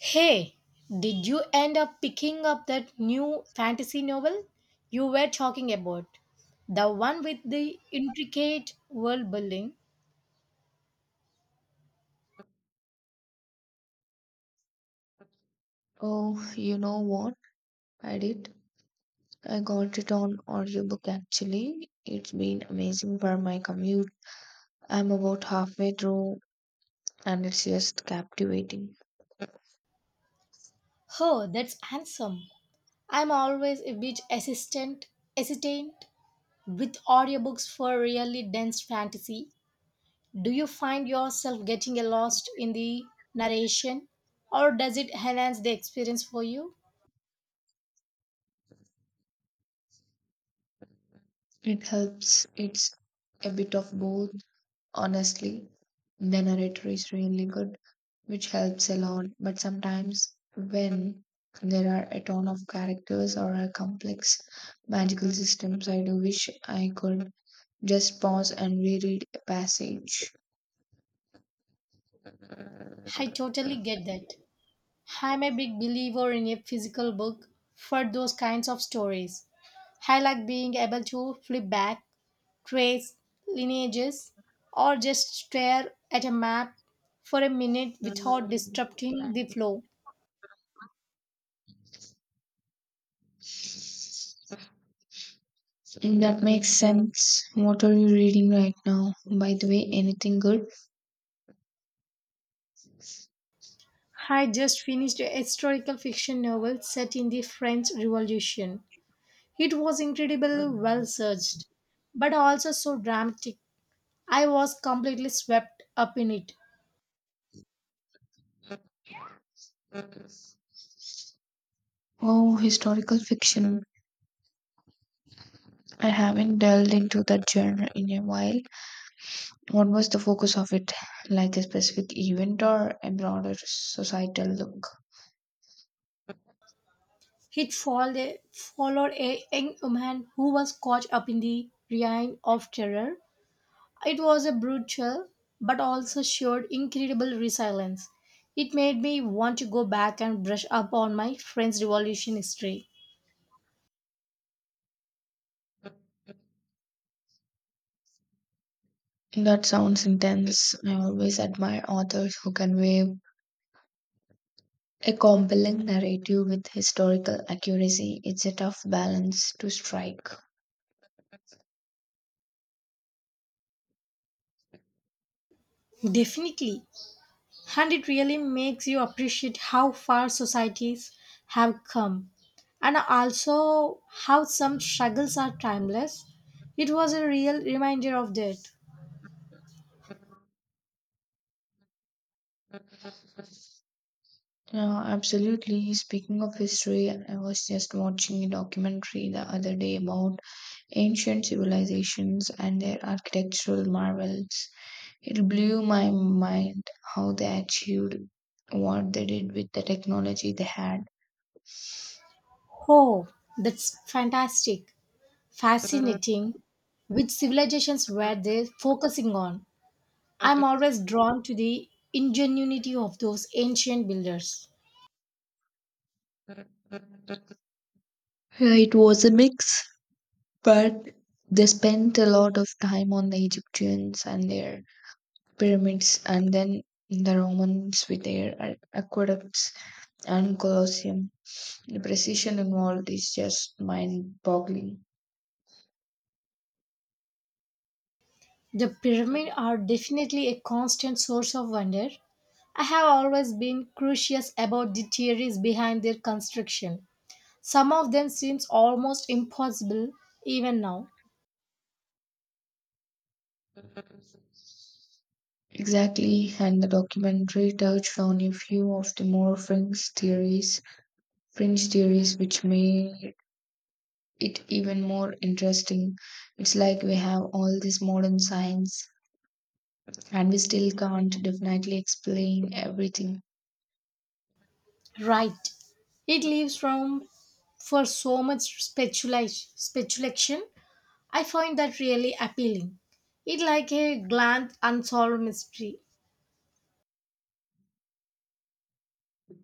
Hey, did you end up picking up that new fantasy novel you were talking about? The one with the intricate world building? Oh, you know what? I did. I got it on audiobook actually. It's been amazing for my commute. I'm about halfway through and it's just captivating. Oh, that's handsome. I'm always a bit hesitant with audiobooks for really dense fantasy. Do you find yourself getting lost in the narration, or does it enhance the experience for you? It helps. It's a bit of both, honestly. The narrator is really good, which helps a lot. But sometimes when there are a ton of characters or a complex magical systems, I do wish I could just pause and reread a passage. I totally get that. I'm a big believer in a physical book for those kinds of stories. I like being able to flip back, trace lineages, or just stare at a map for a minute And without disrupting the flow. That makes sense. What are you reading right now, by the way? Anything good? I just finished a historical fiction novel set in the French Revolution. It was incredibly well searched, but also so dramatic. I was completely swept up in it. Oh, historical fiction. I haven't delved into that genre in a while. What was the focus of it? Like a specific event or a broader societal look? It followed a young woman who was caught up in the reign of terror. It was a brutal but also showed incredible resilience. It made me want to go back and brush up on my French Revolution history. That sounds intense. I always admire authors who convey a compelling narrative with historical accuracy. It's a tough balance to strike. Definitely. And it really makes you appreciate how far societies have come, and also how some struggles are timeless. It was a real reminder of that. Yeah, absolutely. Speaking of history, I was just watching a documentary the other day about ancient civilizations and their architectural marvels. It blew my mind how they achieved what they did with the technology they had. Oh, that's fantastic. Fascinating Which civilizations were they focusing on? I'm always drawn to the ingenuity of those ancient builders. Yeah, it was a mix. But They spent a lot of time on the Egyptians and their pyramids, and then the Romans with their aqueducts and Colosseum. The precision involved is just mind boggling. The pyramids are definitely a constant source of wonder. I have always been curious about the theories behind their construction. Some of them seems almost impossible even now. Exactly, and the documentary touched on a few of the more fringe theories which made it even more interesting. It's like we have all this modern science and we still can't definitely explain everything. Right. It leaves room for so much speculation. I find that really appealing. It like a grand unsolved mystery.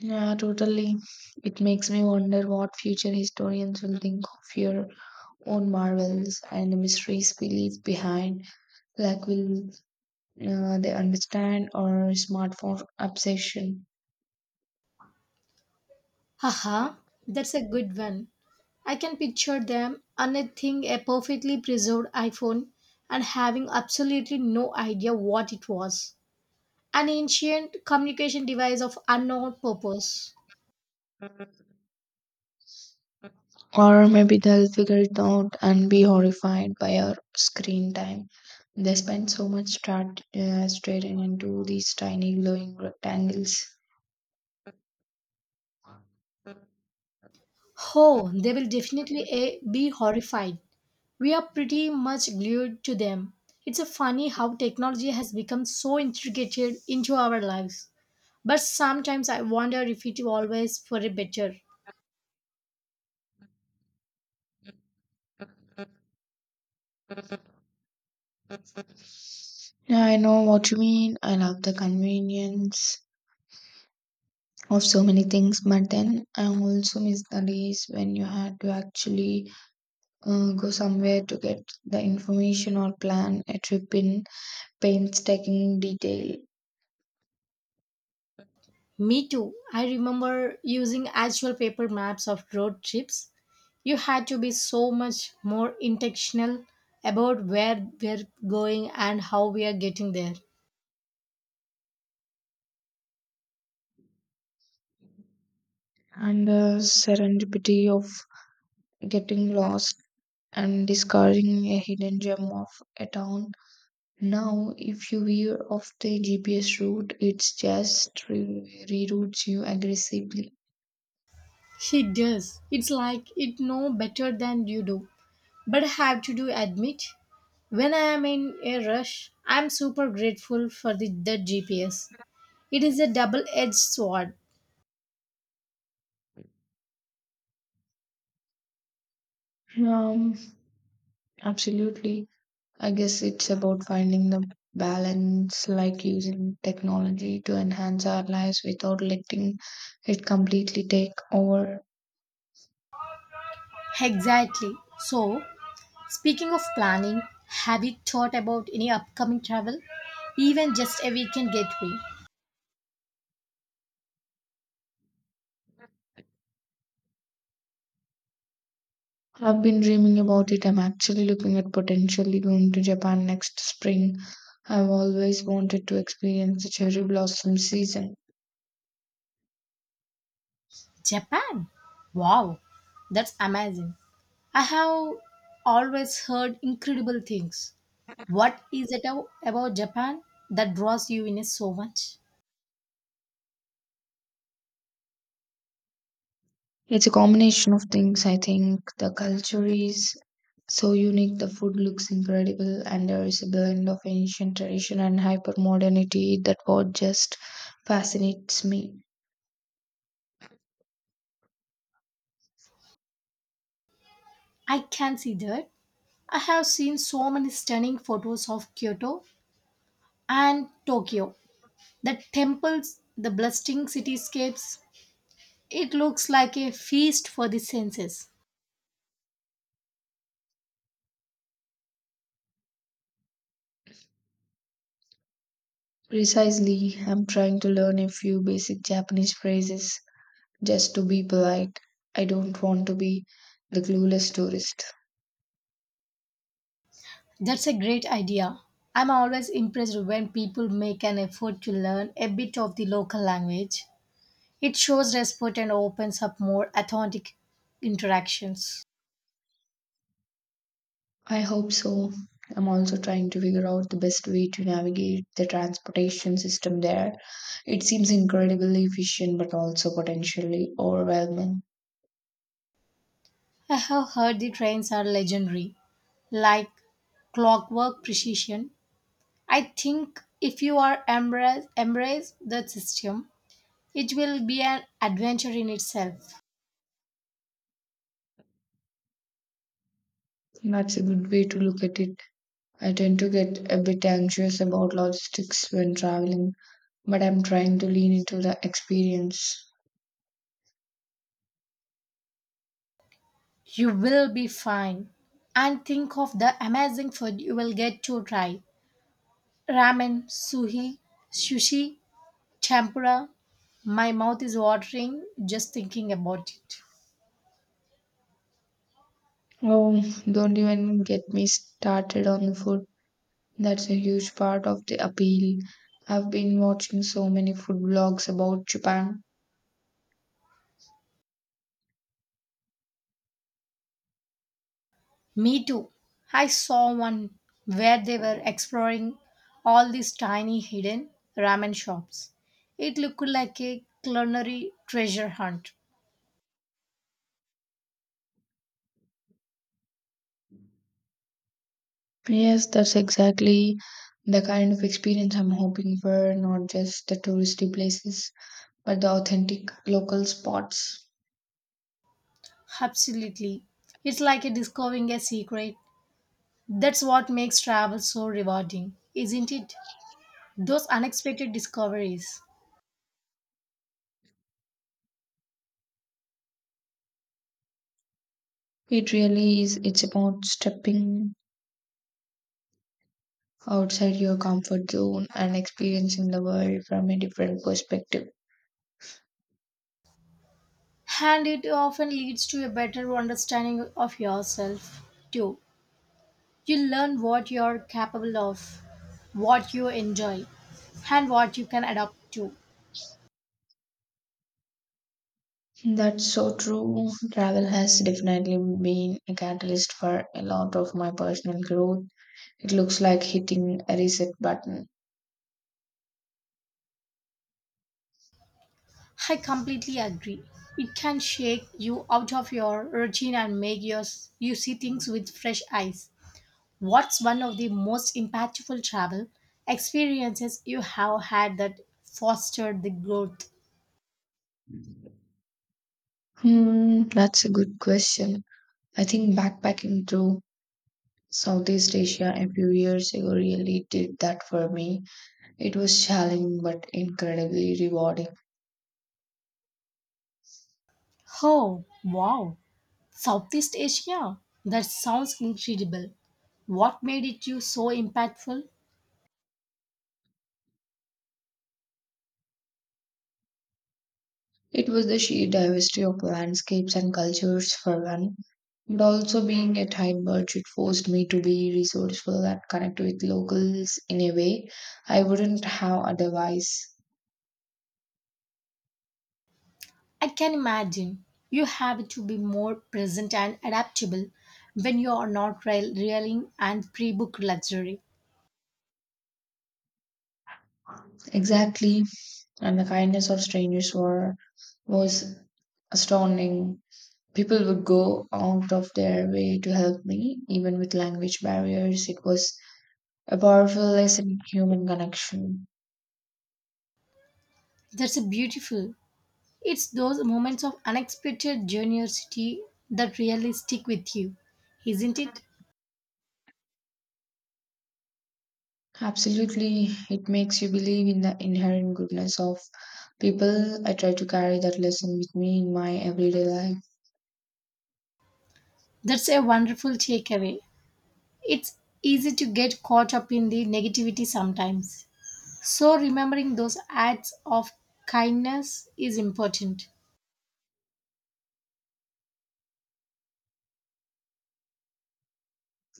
Yeah, totally. It makes me wonder what future historians will think of your own marvels and the mysteries we leave behind. Like, will they understand our smartphone obsession? Haha, that's a good one. I can picture them unearthing a perfectly preserved iPhone and having absolutely no idea what it was. An ancient communication device of unknown purpose. Or maybe they'll figure it out and be horrified by our screen time. They spend so much staring into these tiny glowing rectangles. Oh, they will definitely A, be horrified. We are pretty much glued to them. It's a funny how technology has become so integrated into our lives. But sometimes I wonder if it always for a better. Yeah, I know what you mean. I love the convenience of so many things, but then I also miss the days when you had to actually go somewhere to get the information or plan a trip in painstaking detail. Me too. I remember using actual paper maps of road trips. You had to be so much more intentional about where we're going and how we are getting there. And the serendipity of getting lost and discovering a hidden gem of a town. Now, if you veer off the GPS route, it's just reroutes you aggressively. It does. It's like it know better than you do. But I have to do admit, when I am in a rush, I'm super grateful for the GPS. It is a double edged sword. Um, Absolutely. I guess it's about finding the balance, like using technology to enhance our lives without letting it completely take over. Exactly. So, speaking of planning, have you thought about any upcoming travel? Even just a weekend getaway. I've been dreaming about it. I'm actually looking at potentially going to Japan next spring. I've always wanted to experience the cherry blossom season. Japan? Wow, that's amazing. I have always heard incredible things. What is it about Japan that draws you in so much? It's a combination of things, I think. The culture is so unique, the food looks incredible, and there is a blend of ancient tradition and hyper modernity that what just fascinates me. I can see that. I have seen so many stunning photos of Kyoto and Tokyo. The temples, the bustling cityscapes, it looks like a feast for the senses. Precisely, I'm trying to learn a few basic Japanese phrases just to be polite. I don't want to be the clueless tourist. That's a great idea. I'm always impressed when people make an effort to learn a bit of the local language. It shows respect and opens up more authentic interactions. I hope so. I'm also trying to figure out the best way to navigate the transportation system there. It seems incredibly efficient but also potentially overwhelming. I have heard the trains are legendary, like clockwork precision. I think if you are embrace that system, it will be an adventure in itself. That's a good way to look at it. I tend to get a bit anxious about logistics when traveling, but I'm trying to lean into the experience. You will be fine. And think of the amazing food you will get to try. Ramen, sushi, tempura. My mouth is watering just thinking about it. Oh, don't even get me started on the food. That's a huge part of the appeal. I've been watching so many food blogs about Japan. Me too. I saw one where they were exploring all these tiny hidden ramen shops. It looked like a culinary treasure hunt. Yes, that's exactly the kind of experience I'm hoping for, not just the touristy places, but the authentic local spots. Absolutely. It's like a discovering a secret. That's what makes travel so rewarding, isn't it? Those unexpected discoveries. It really is. It's about stepping outside your comfort zone and experiencing the world from a different perspective. And it often leads to a better understanding of yourself, too. You learn what you're capable of, what you enjoy, and what you can adapt to. That's so true. Travel has definitely been a catalyst for a lot of my personal growth. It looks like hitting a reset button. I completely agree. It can shake you out of your routine and make your, you see things with fresh eyes. What's one of the most impactful travel experiences you have had that fostered the growth? Hmm, that's a good question. I think backpacking through Southeast Asia a few years ago really did that for me. It was challenging but incredibly rewarding. Oh, wow. Southeast Asia. That sounds incredible. What made it you so impactful? It was the sheer diversity of landscapes and cultures for one, but also being a tight budget forced me to be resourceful and connect with locals in a way I wouldn't have otherwise. I can imagine you have to be more present and adaptable when you are not reeling and pre-booked luxury. Exactly, and the kindness of strangers were was astounding. People would go out of their way to help me, even with language barriers. It was a powerful lesson in human connection. That's a beautiful. It's those moments of unexpected generosity that really stick with you, isn't it? Absolutely, it makes you believe in the inherent goodness of people. I try to carry that lesson with me in my everyday life. That's a wonderful takeaway. It's easy to get caught up in the negativity sometimes. So remembering those acts of kindness is important.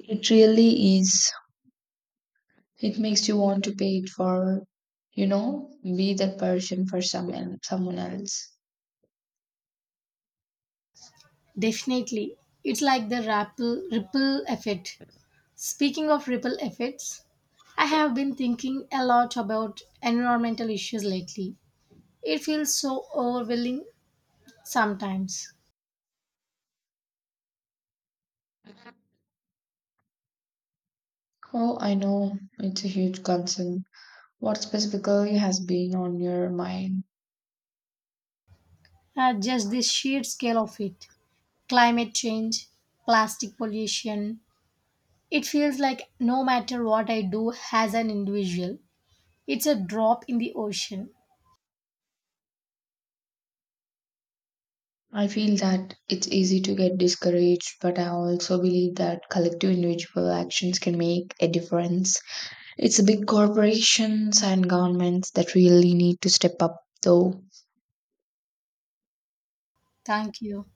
It really is. It makes you want to pay it forward, you know, be that person for someone else. Definitely. It's like the ripple effect. Speaking of ripple effects, I have been thinking a lot about environmental issues lately. It feels so overwhelming sometimes. Oh, I know, it's a huge concern. What specifically has been on your mind? Just the sheer scale of it. Climate change, plastic pollution. It feels like no matter what I do as an individual, it's a drop in the ocean. I feel that. It's easy to get discouraged, but I also believe that collective individual actions can make a difference. It's big corporations and governments that really need to step up, though. Thank you.